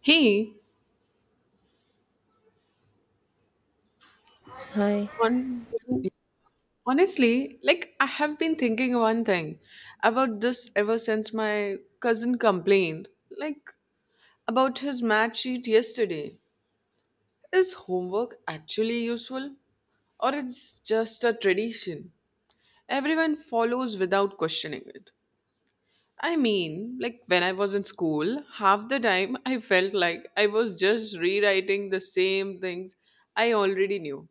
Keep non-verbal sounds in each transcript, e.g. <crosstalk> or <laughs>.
He, Hi. on, Honestly, like I have been thinking one thing about this ever since my cousin complained, like about his math sheet yesterday. Is homework actually useful, or it's just a tradition? Everyone follows without questioning it. I mean, like when I was in school, half the time I felt like I was just rewriting the same things I already knew.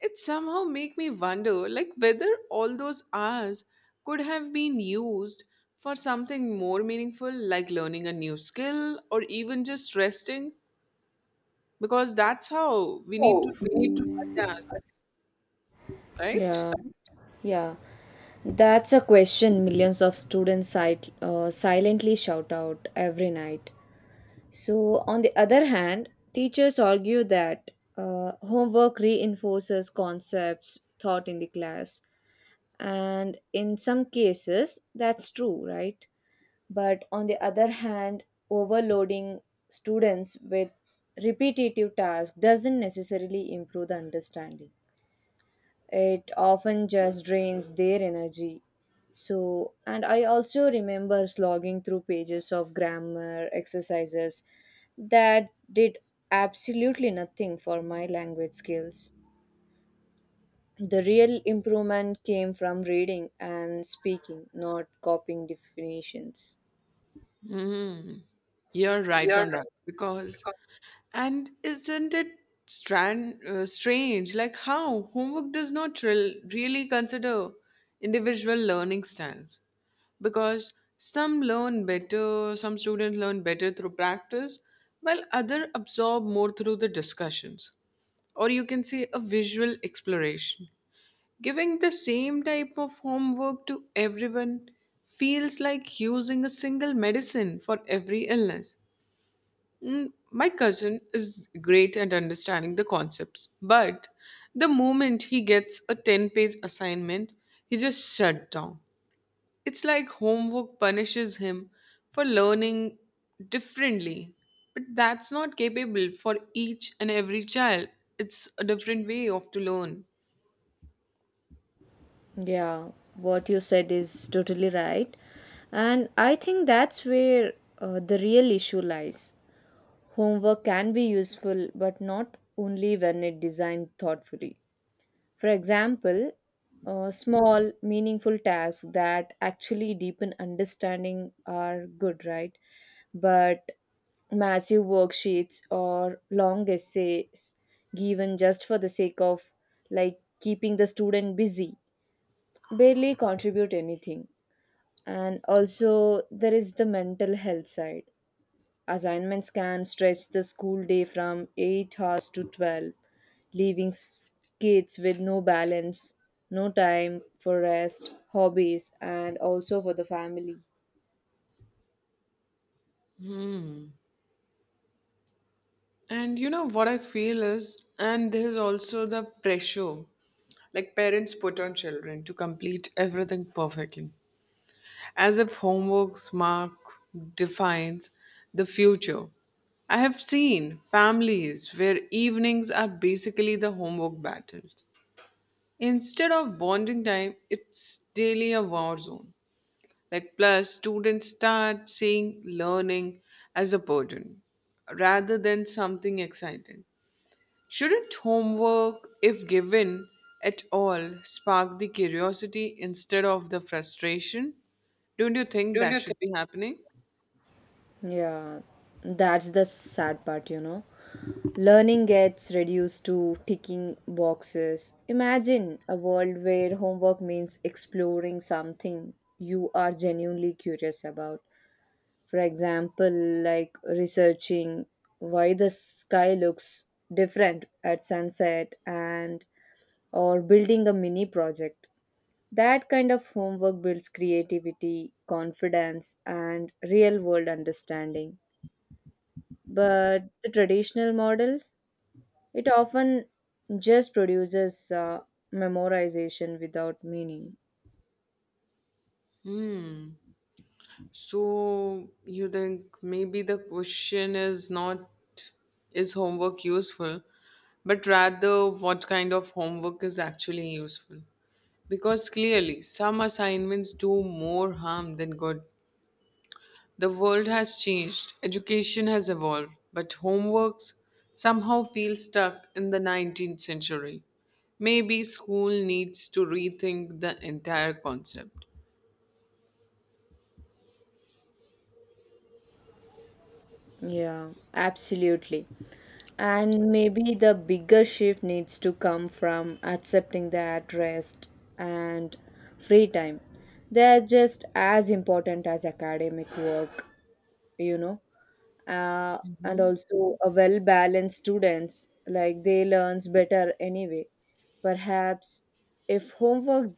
It somehow make me wonder like whether all those hours could have been used for something more meaningful like learning a new skill or even just resting because that's how we need to do a task, right? Yeah. Yeah. That's a question millions of students silently shout out every night. So, on the other hand, teachers argue that homework reinforces concepts taught in the class. And in some cases, that's true, right? But on the other hand, overloading students with repetitive tasks doesn't necessarily improve the understanding. It often just drains their energy. So, and I also remember slogging through pages of grammar exercises that did absolutely nothing for my language skills. The real improvement came from reading and speaking, not copying definitions. Hmm. You're right on that. Because and isn't it strange? Like how homework does not really consider individual learning styles. Because some learn better, some students learn better through practice, while other absorb more through the discussions. Or you can say a visual exploration. Giving the same type of homework to everyone feels like using a single medicine for every illness. My cousin is great at understanding the concepts, but the moment he gets a 10-page page assignment, he just shut down. It's like homework punishes him for learning differently. But that's not capable for each and every child. It's a different way of to learn. Yeah, what you said is totally right. And I think that's where the real issue lies. Homework can be useful, but not only when it designed thoughtfully. For example, small, meaningful tasks that actually deepen understanding are good, right? But massive worksheets or long essays given just for the sake of like keeping the student busy barely contribute anything. And also, there is the mental health side. Assignments can stretch the school day from 8 hours to 12, leaving kids with no balance, no time for rest, hobbies, and also for the family. And you know what I feel is, and there's also the pressure like parents put on children to complete everything perfectly as if homework's mark defines the future. I have seen families where evenings are basically the homework battles. Instead of bonding time, it's daily a war zone. Like, plus, students start seeing learning as a burden rather than something exciting. Shouldn't homework, if given at all, spark the curiosity instead of the frustration? Don't you think that should be happening? Yeah, that's the sad part, you know. Learning gets reduced to ticking boxes. Imagine a world where homework means exploring something you are genuinely curious about, for example, like researching why the sky looks different at sunset, and or building a mini project. That kind of homework builds creativity, confidence, and real world understanding, but the traditional model, it often just produces memorization without meaning. Hmm. So you think maybe the question is not is homework useful, but rather what kind of homework is actually useful? Because clearly, some assignments do more harm than good. The world has changed, education has evolved, but homeworks somehow feel stuck in the 19th century. Maybe school needs to rethink the entire concept. Yeah, absolutely. And maybe the bigger shift needs to come from accepting that rest and free time, they're just as important as academic work, you know. Uh, and also a well-balanced students, like they learns better anyway. Perhaps if homework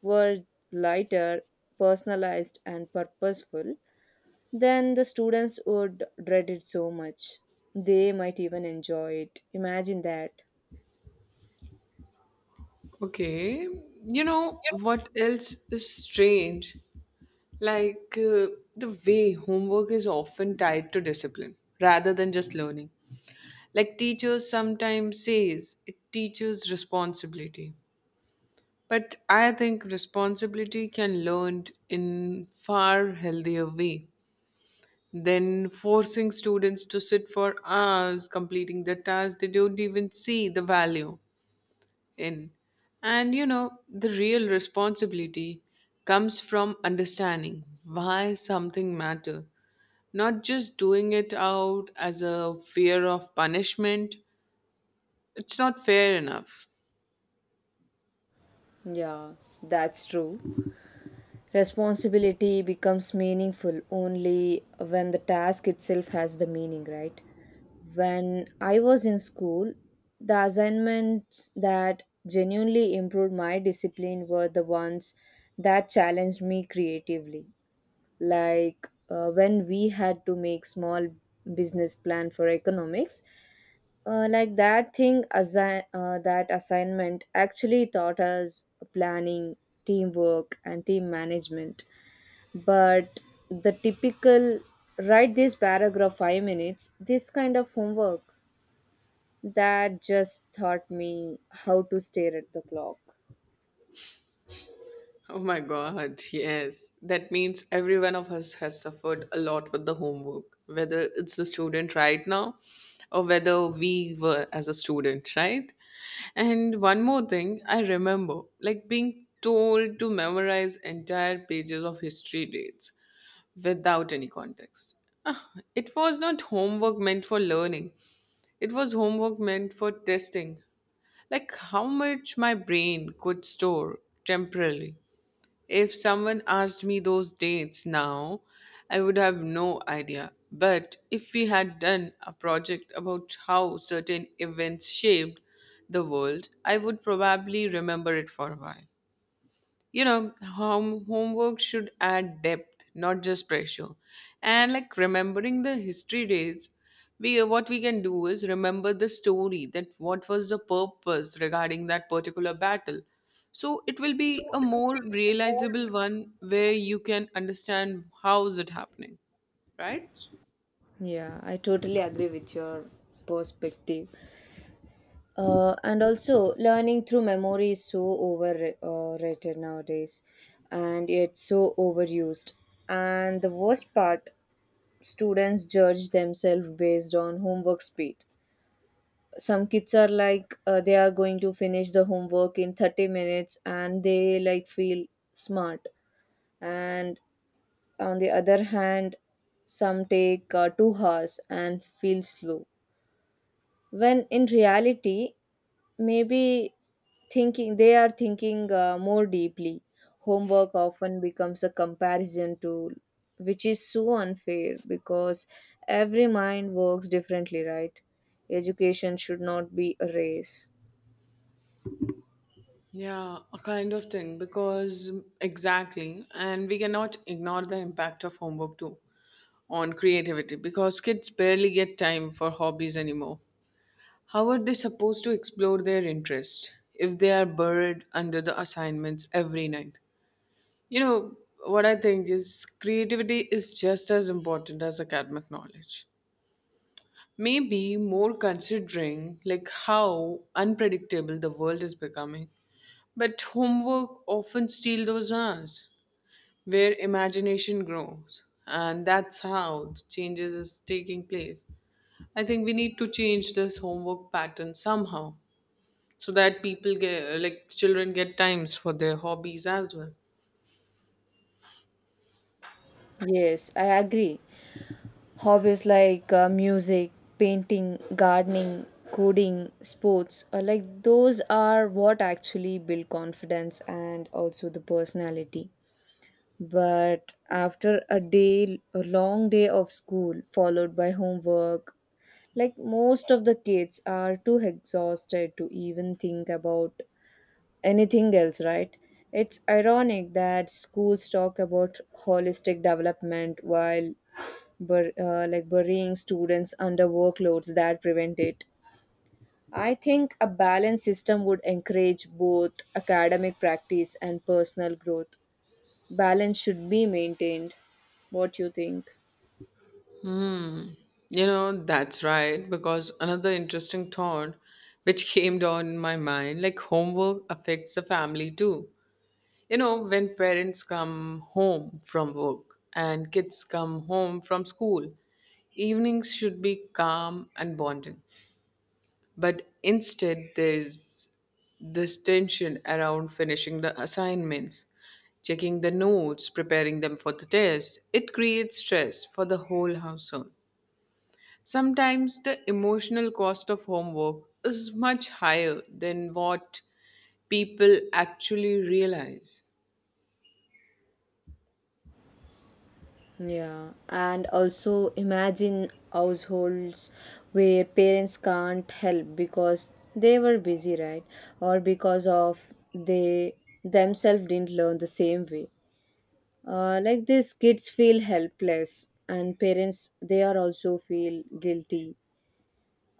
were lighter, personalized and purposeful, then the students would dread it so much. They might even enjoy it. Imagine that. Okay, you know what else is strange? Like the way homework is often tied to discipline rather than just learning. Like teachers sometimes says it teaches responsibility. But I think responsibility can learned in far healthier way than forcing students to sit for hours completing the task they don't even see the value in. And you know, the real responsibility comes from understanding why something matter, not just doing it out as a fear of punishment. It's not fair enough. Yeah, that's true. Responsibility becomes meaningful only when the task itself has the meaning, right? When I was in school, the assignments that genuinely improved my discipline were the ones that challenged me creatively. Like when we had to make small business plan for economics, like that thing, assi- that assignment actually taught us planning, teamwork, and team management. But the typical write this paragraph 5 minutes, this kind of homework, that just taught me how to stare at the clock. Oh my God, yes. That means every one of us has suffered a lot with the homework, whether it's the student right now or whether we were as a student, right? And one more thing I remember, like being told to memorize entire pages of history dates without any context. Ah, it was not homework meant for learning, it was homework meant for testing. Like how much my brain could store temporarily. If someone asked me those dates now, I would have no idea. But if we had done a project about how certain events shaped the world, I would probably remember it for a while. You know homework should add depth, not just pressure. And like remembering the history dates, we what we can do is remember the story that what was the purpose regarding that particular battle. So it will be a more realizable one where you can understand how is it happening, right? Yeah, I totally agree with your perspective. And also, learning through memory is so overrated nowadays and it's so overused. And the worst part, students judge themselves based on homework speed. Some kids are like, they are going to finish the homework in 30 minutes and they like feel smart. And on the other hand, some take 2 hours and feel slow. When in reality, maybe thinking they are thinking more deeply. Homework often becomes a comparison tool, which is so unfair because every mind works differently, right? Education should not be a race. Yeah, a kind of thing because exactly, and we cannot ignore the impact of homework too, on creativity because kids barely get time for hobbies anymore. How are they supposed to explore their interest if they are buried under the assignments every night? You know, what I think is creativity is just as important as academic knowledge. Maybe more, considering like how unpredictable the world is becoming. But homework often steals those hours where imagination grows, and that's how the changes is taking place. I think we need to change this homework pattern somehow so that people get, like children get times for their hobbies as well. Yes, I agree. Hobbies like music, painting, gardening, coding, sports, like those are what actually build confidence and also the personality. But after a day, a long day of school followed by homework, like most of the kids are too exhausted to even think about anything else, right? It's ironic that schools talk about holistic development while like burying students under workloads that prevent it. I think a balanced system would encourage both academic practice and personal growth. Balance should be maintained. What you think? You know, that's right, because another interesting thought which came down my mind, like homework affects the family too. You know, when parents come home from work and kids come home from school, evenings should be calm and bonding. But instead, there's this tension around finishing the assignments, checking the notes, preparing them for the test. It creates stress for the whole household. Sometimes the emotional cost of homework is much higher than what people actually realize. Yeah, and also imagine households where parents can't help because they were busy, right? Or because of they themselves didn't learn the same way. Like this, kids feel helpless, and parents, they are also feel guilty.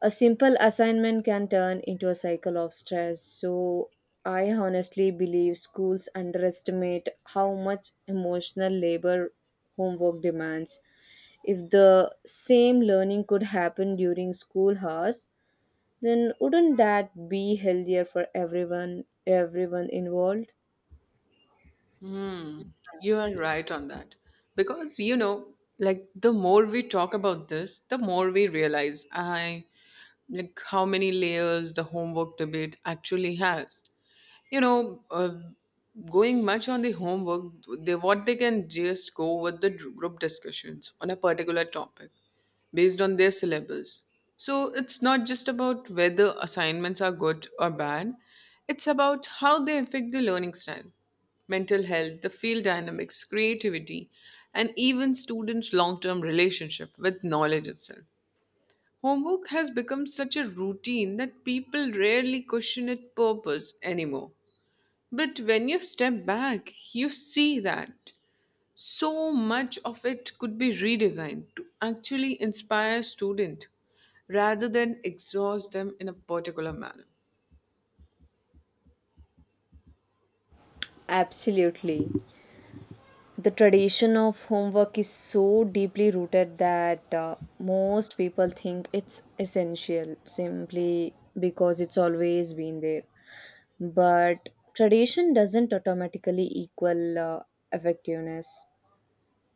A simple assignment can turn into a cycle of stress. So, I honestly believe schools underestimate how much emotional labor homework demands. If the same learning could happen during school hours, then wouldn't that be healthier for everyone involved? Hmm, you are right on that. Because, you know, like the more we talk about this, the more we realize I like how many layers the homework debate actually has. You know, going much on the homework, they what they can just go with the group discussions on a particular topic based on their syllabus. So it's not just about whether assignments are good or bad, it's about how they affect the learning style, mental health, the field dynamics, creativity, and even students long term relationship with knowledge itself. Homework has become such a routine that people rarely question its purpose anymore, but when you step back, you see that so much of it could be redesigned to actually inspire students, rather than exhaust them in a particular manner. Absolutely. The tradition of homework is so deeply rooted that most people think it's essential simply because it's always been there. But tradition doesn't automatically equal effectiveness.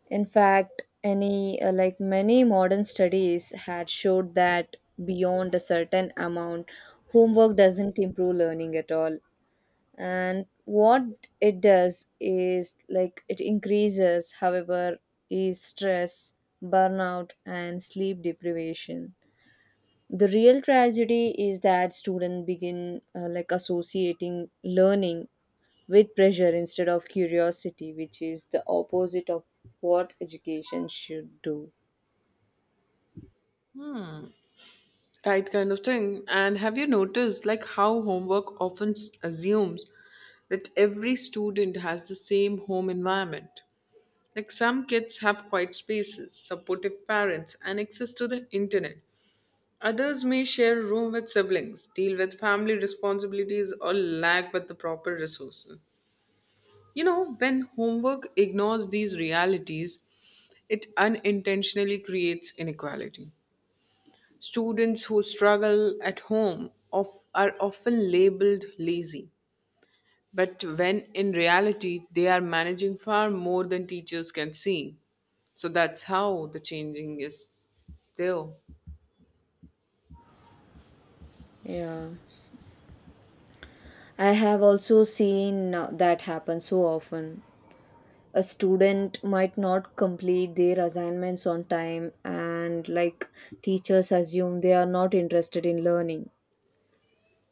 In fact, any like many modern studies had showed that beyond a certain amount, homework doesn't improve learning at all, and what it does is like it increases, however, is stress, burnout and sleep deprivation. The real tragedy is that students begin like associating learning with pressure instead of curiosity, which is the opposite of what education should do. Right kind of thing. And have you noticed like how homework often s- assumes that every student has the same home environment? Like some kids have quiet spaces, supportive parents, and access to the internet. Others may share a room with siblings, deal with family responsibilities, or lack with the proper resources. You know, when homework ignores these realities, it unintentionally creates inequality. Students who struggle at home are often labeled lazy, but when in reality, they are managing far more than teachers can see. So that's how the changing is there. Yeah, I have also seen that happen so often. A student might not complete their assignments on time and like teachers assume they are not interested in learning.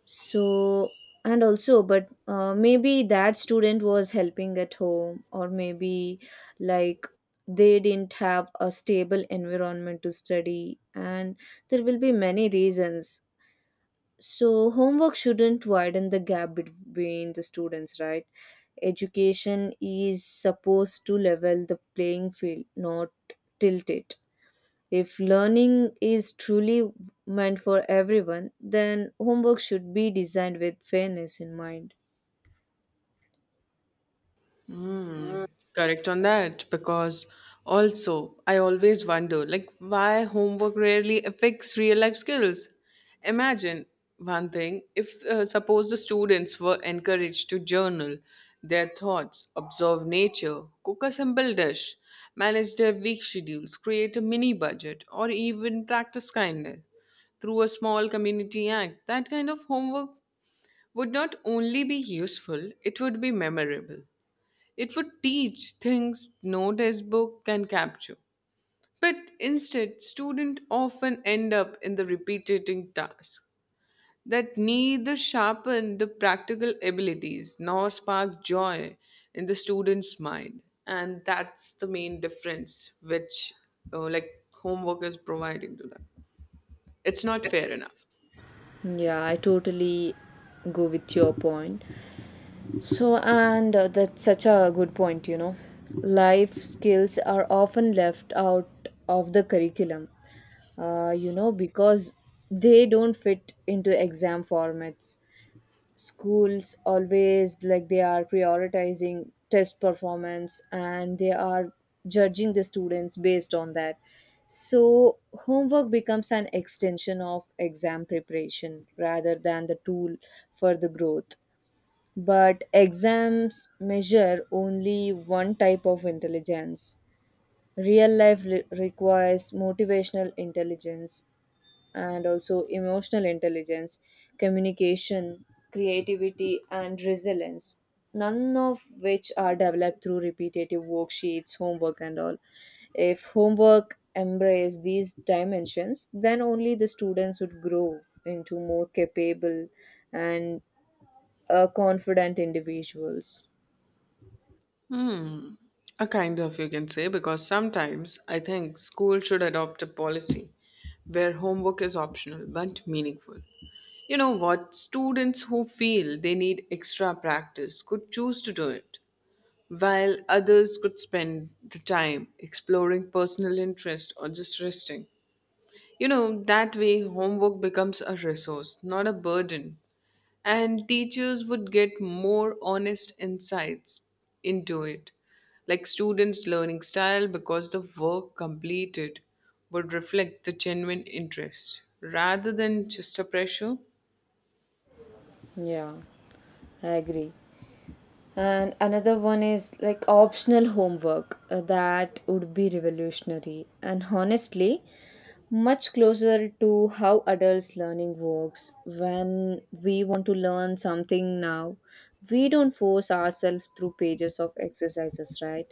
So, and also but maybe that student was helping at home, or maybe like they didn't have a stable environment to study, and there will be many reasons. So, homework shouldn't widen the gap between the students, right? Education is supposed to level the playing field, not tilt it. If learning is truly meant for everyone, then homework should be designed with fairness in mind. Mm, correct on that, because also I always wonder like why homework rarely affects real life skills. Imagine one thing, if suppose the students were encouraged to journal their thoughts, observe nature, cook a simple dish, manage their week schedules, create a mini budget, or even practice kindness through a small community act, that kind of homework would not only be useful, it would be memorable. It would teach things no textbook can capture. But instead, students often end up in the repetitive tasks that neither sharpen the practical abilities nor spark joy in the student's mind. And that's the main difference which like homework is providing to them. It's not fair enough. Yeah, I totally go with your point. So, and that's such a good point, you know. Life skills are often left out of the curriculum, you know, because they don't fit into exam formats. Schools always like they are prioritizing test performance and they are judging the students based on that. So, homework becomes an extension of exam preparation rather than the tool for the growth. But exams measure only one type of intelligence. Real life requires motivational intelligence and also emotional intelligence, communication, creativity, and resilience, none of which are developed through repetitive worksheets, homework, and all. If homework embrace these dimensions, then only the students would grow into more capable and confident individuals. Hmm. A kind of, you can say, because sometimes I think school should adopt a policy where homework is optional but meaningful. You know what? Students who feel they need extra practice could choose to do it, while others could spend the time exploring personal interest or just resting. You know, that way homework becomes a resource, not a burden, and teachers would get more honest insights into it, like students learning style, because the work completed would reflect the genuine interest rather than just a pressure. Yeah, I agree. And another one is like optional homework. That would be revolutionary. And honestly, much closer to how adults learning works. When we want to learn something now, we don't force ourselves through pages of exercises, right?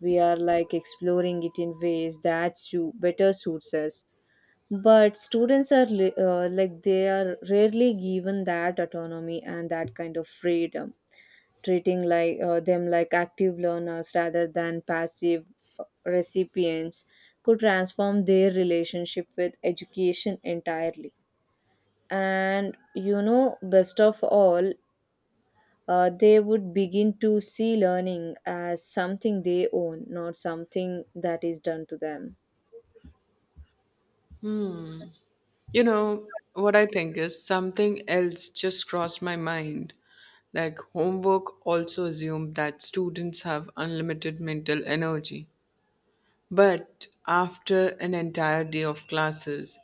We are like exploring it in ways that better suits us. But students are like they are rarely given that autonomy and that kind of freedom, treating like them like active learners rather than passive recipients, could transform their relationship with education entirely. And you know, best of all, they would begin to see learning as something they own, not something that is done to them. You know what I think is something else just crossed my mind, like homework also assumed that students have unlimited mental energy. But after an entire day of classes,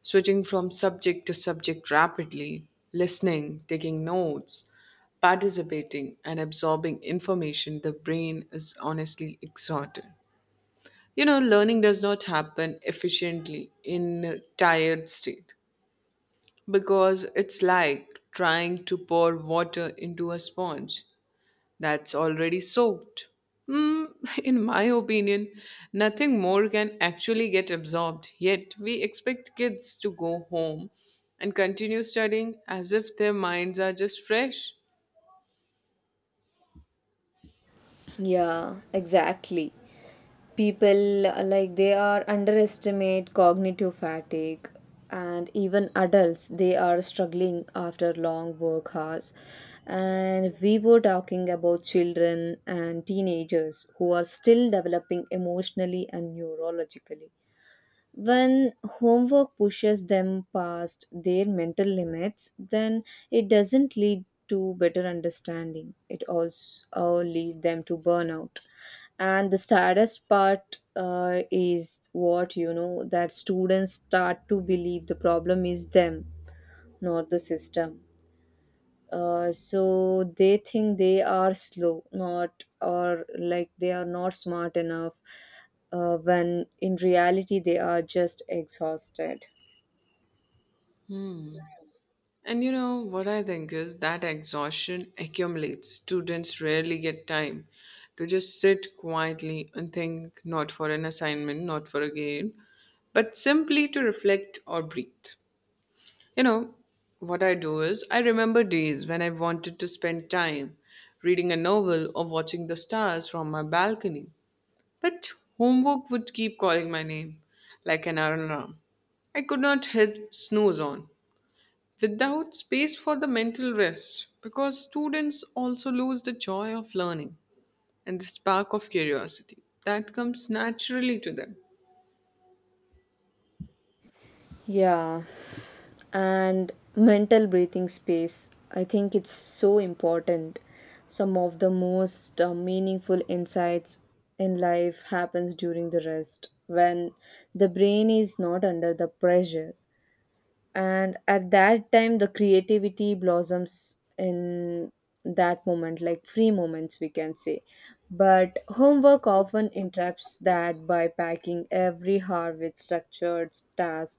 switching from subject to subject rapidly, listening, taking notes, participating, and absorbing information, the brain is honestly exhausted. You know, learning does not happen efficiently in a tired state because it's like trying to pour water into a sponge that's already soaked. Hmm, <laughs> in my opinion, nothing more can actually get absorbed, yet, we expect kids to go home and continue studying as if their minds are just fresh. Yeah, exactly. People like They are underestimate cognitive fatigue, and even adults they are struggling after long work hours. And we were talking about children and teenagers who are still developing emotionally and neurologically. When homework pushes them past their mental limits, then it doesn't lead to better understanding, it also lead them to burnout. And the saddest part, is what, you know, that students start to believe the problem is them, not the system. So they think they are slow, not or like they are not smart enough, when in reality they are just exhausted. And you know what I think is that exhaustion accumulates. Students rarely get time to just sit quietly and think, not for an assignment, not for a game, but simply to reflect or breathe. You know, what I do is I remember days when I wanted to spend time reading a novel or watching the stars from my balcony. But homework would keep calling my name like an alarm. I could not hit snooze on without space for the mental rest, because students also lose the joy of learning and the spark of curiosity that comes naturally to them. Yeah, and mental breathing space, I think it's so important. Some of the most meaningful insights in life happens during the rest, when the brain is not under the pressure, and at that time the creativity blossoms in that moment, like free moments we can say. But homework often interrupts that by packing every hour with structured tasks.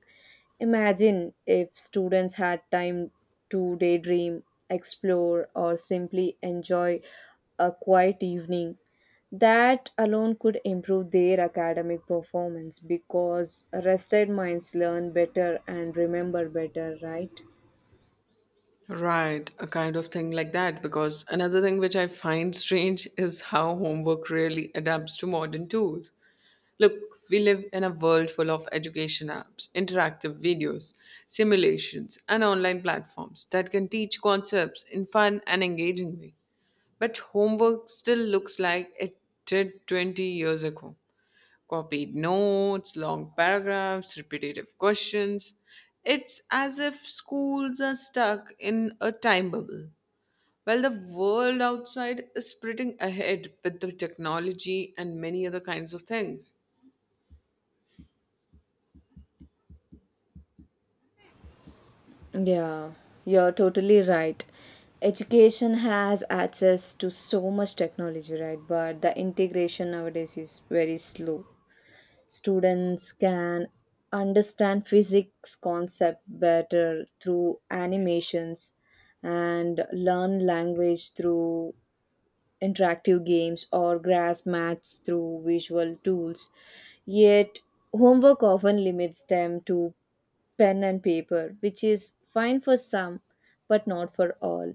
Imagine if students had time to daydream, explore, or simply enjoy a quiet evening. That alone could improve their academic performance because rested minds learn better and remember better, right? Right, a kind of thing like that. Because another thing which I find strange is how homework really adapts to modern tools. Look, we live in a world full of education apps, interactive videos, simulations, and online platforms that can teach concepts in fun and engaging way. But homework still looks like it did 20 years ago, copied notes, long paragraphs, repetitive questions. It's as if schools are stuck in a time bubble, while the world outside is sprinting ahead with the technology and many other kinds of things. Yeah, you're totally right. Education has access to so much technology, right? But the integration nowadays is very slow. Students can understand physics concept better through animations and learn language through interactive games or grasp maths through visual tools, yet homework often limits them to pen and paper, which is fine for some but not for all.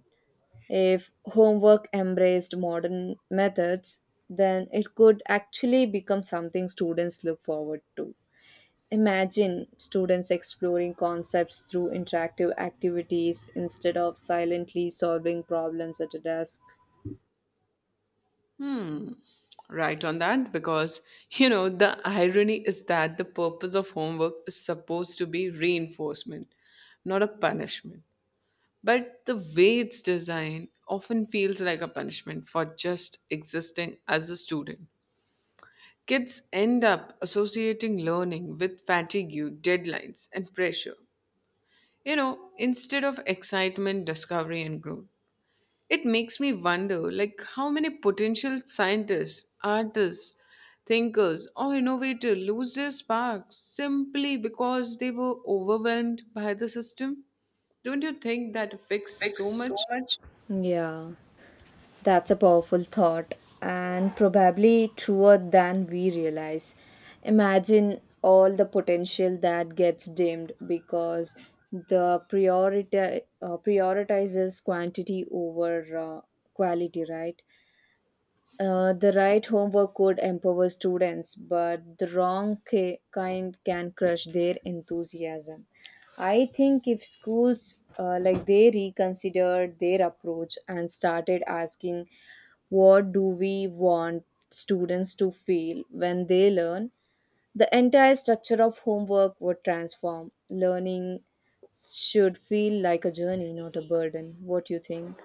If homework embraced modern methods, then it could actually become something students look forward to. Imagine students exploring concepts through interactive activities instead of silently solving problems at a desk. Right on that, because you know, the irony is that the purpose of homework is supposed to be reinforcement, not a punishment. But the way it's designed often feels like a punishment for just existing as a student. Kids end up associating learning with fatigue, deadlines, and pressure, you know, instead of excitement, discovery, and growth. It makes me wonder like how many potential scientists, artists, thinkers, or innovators lose their spark simply because they were overwhelmed by the system. Don't you think that affects so much? Yeah. That's a powerful thought and probably truer than we realize. Imagine all the potential that gets dimmed because the priority prioritizes quantity over quality, right? The right homework could empower students, but the wrong kind can crush their enthusiasm. I think if schools like they reconsidered their approach and started asking, what do we want students to feel when they learn? The entire structure of homework would transform. Learning should feel like a journey, not a burden. What do you think?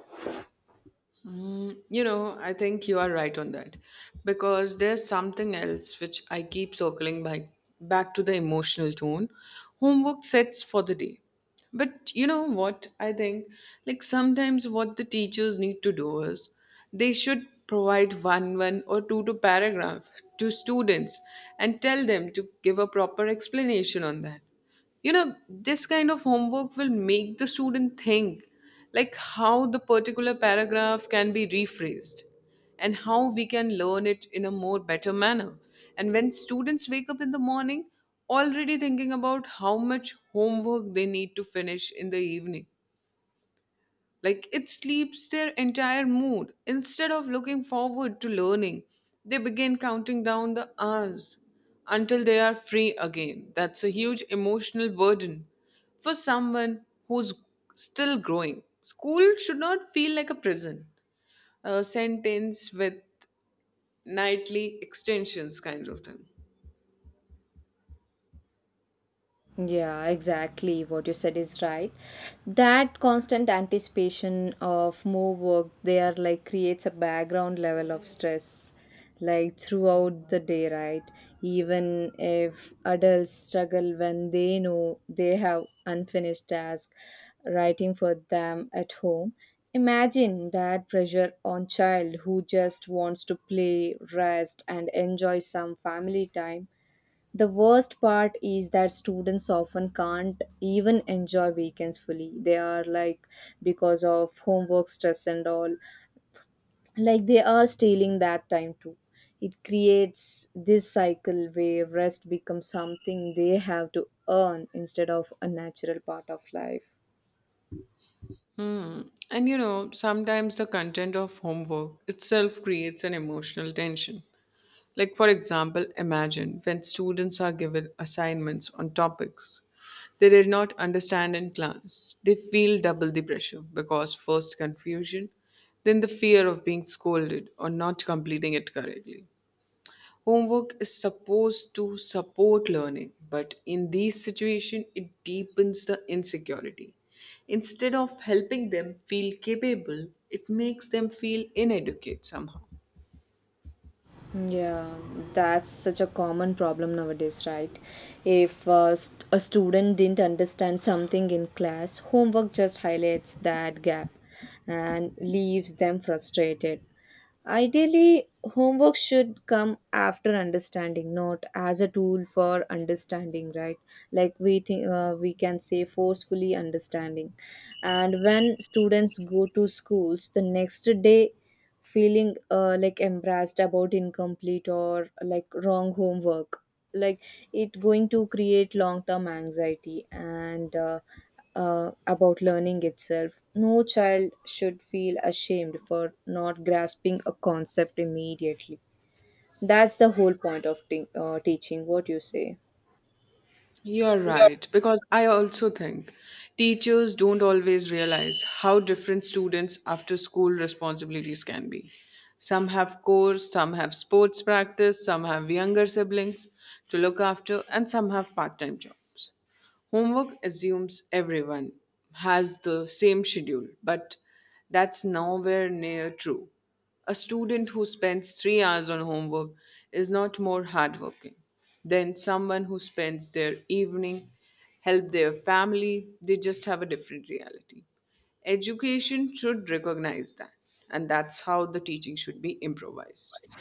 Mm, you know, I think you are right on that, because there's something else which I keep circling back to the emotional tone homework sets for the day. But you know what? I think like sometimes what the teachers need to do is they should provide one or two paragraph to students and tell them to give a proper explanation on that. You know, this kind of homework will make the student think like how the particular paragraph can be rephrased and how we can learn it in a more better manner. And when students wake up in the morning already thinking about how much homework they need to finish in the evening, like it sleeps their entire mood. Instead of looking forward to learning, they begin counting down the hours until they are free again. That's a huge emotional burden for someone who's still growing. School should not feel like a prison, a sentence with nightly extensions kind of thing. Yeah, exactly. What you said is right. That constant anticipation of more work there like creates a background level of stress like throughout the day, right? Even if adults struggle when they know they have unfinished tasks writing for them at home, imagine that pressure on child who just wants to play, rest and enjoy some family time. The worst part is that students often can't even enjoy weekends fully. They are like, because of homework stress and all, like they are stealing that time too. It creates this cycle where rest becomes something they have to earn instead of a natural part of life. Hmm. And you know, sometimes the content of homework itself creates an emotional tension. Like, for example, imagine when students are given assignments on topics they did not understand in class. They feel double the pressure, because first confusion, then the fear of being scolded or not completing it correctly. Homework is supposed to support learning, but in these situations, it deepens the insecurity. Instead of helping them feel capable, it makes them feel inadequate somehow. Yeah, that's such a common problem nowadays, right? If a student didn't understand something in class, homework just highlights that gap and leaves them frustrated. Ideally, homework should come after understanding, not as a tool for understanding, right? Like we think, we can say forcefully understanding. And when students go to schools, the next day feeling like embarrassed about incomplete or like wrong homework like, it going to create long term anxiety and about learning itself. No child should feel ashamed for not grasping a concept immediately. That's the whole point of teaching, what you say? You're right, because I also think teachers don't always realize how different students' after school responsibilities can be. Some have chores, some have sports practice, some have younger siblings to look after, and some have part time jobs. Homework assumes everyone has the same schedule, but that's nowhere near true. A student who spends 3 hours on homework is not more hardworking than someone who spends their evening, help their family, they just have a different reality. Education should recognize that, and that's how the teaching should be improvised.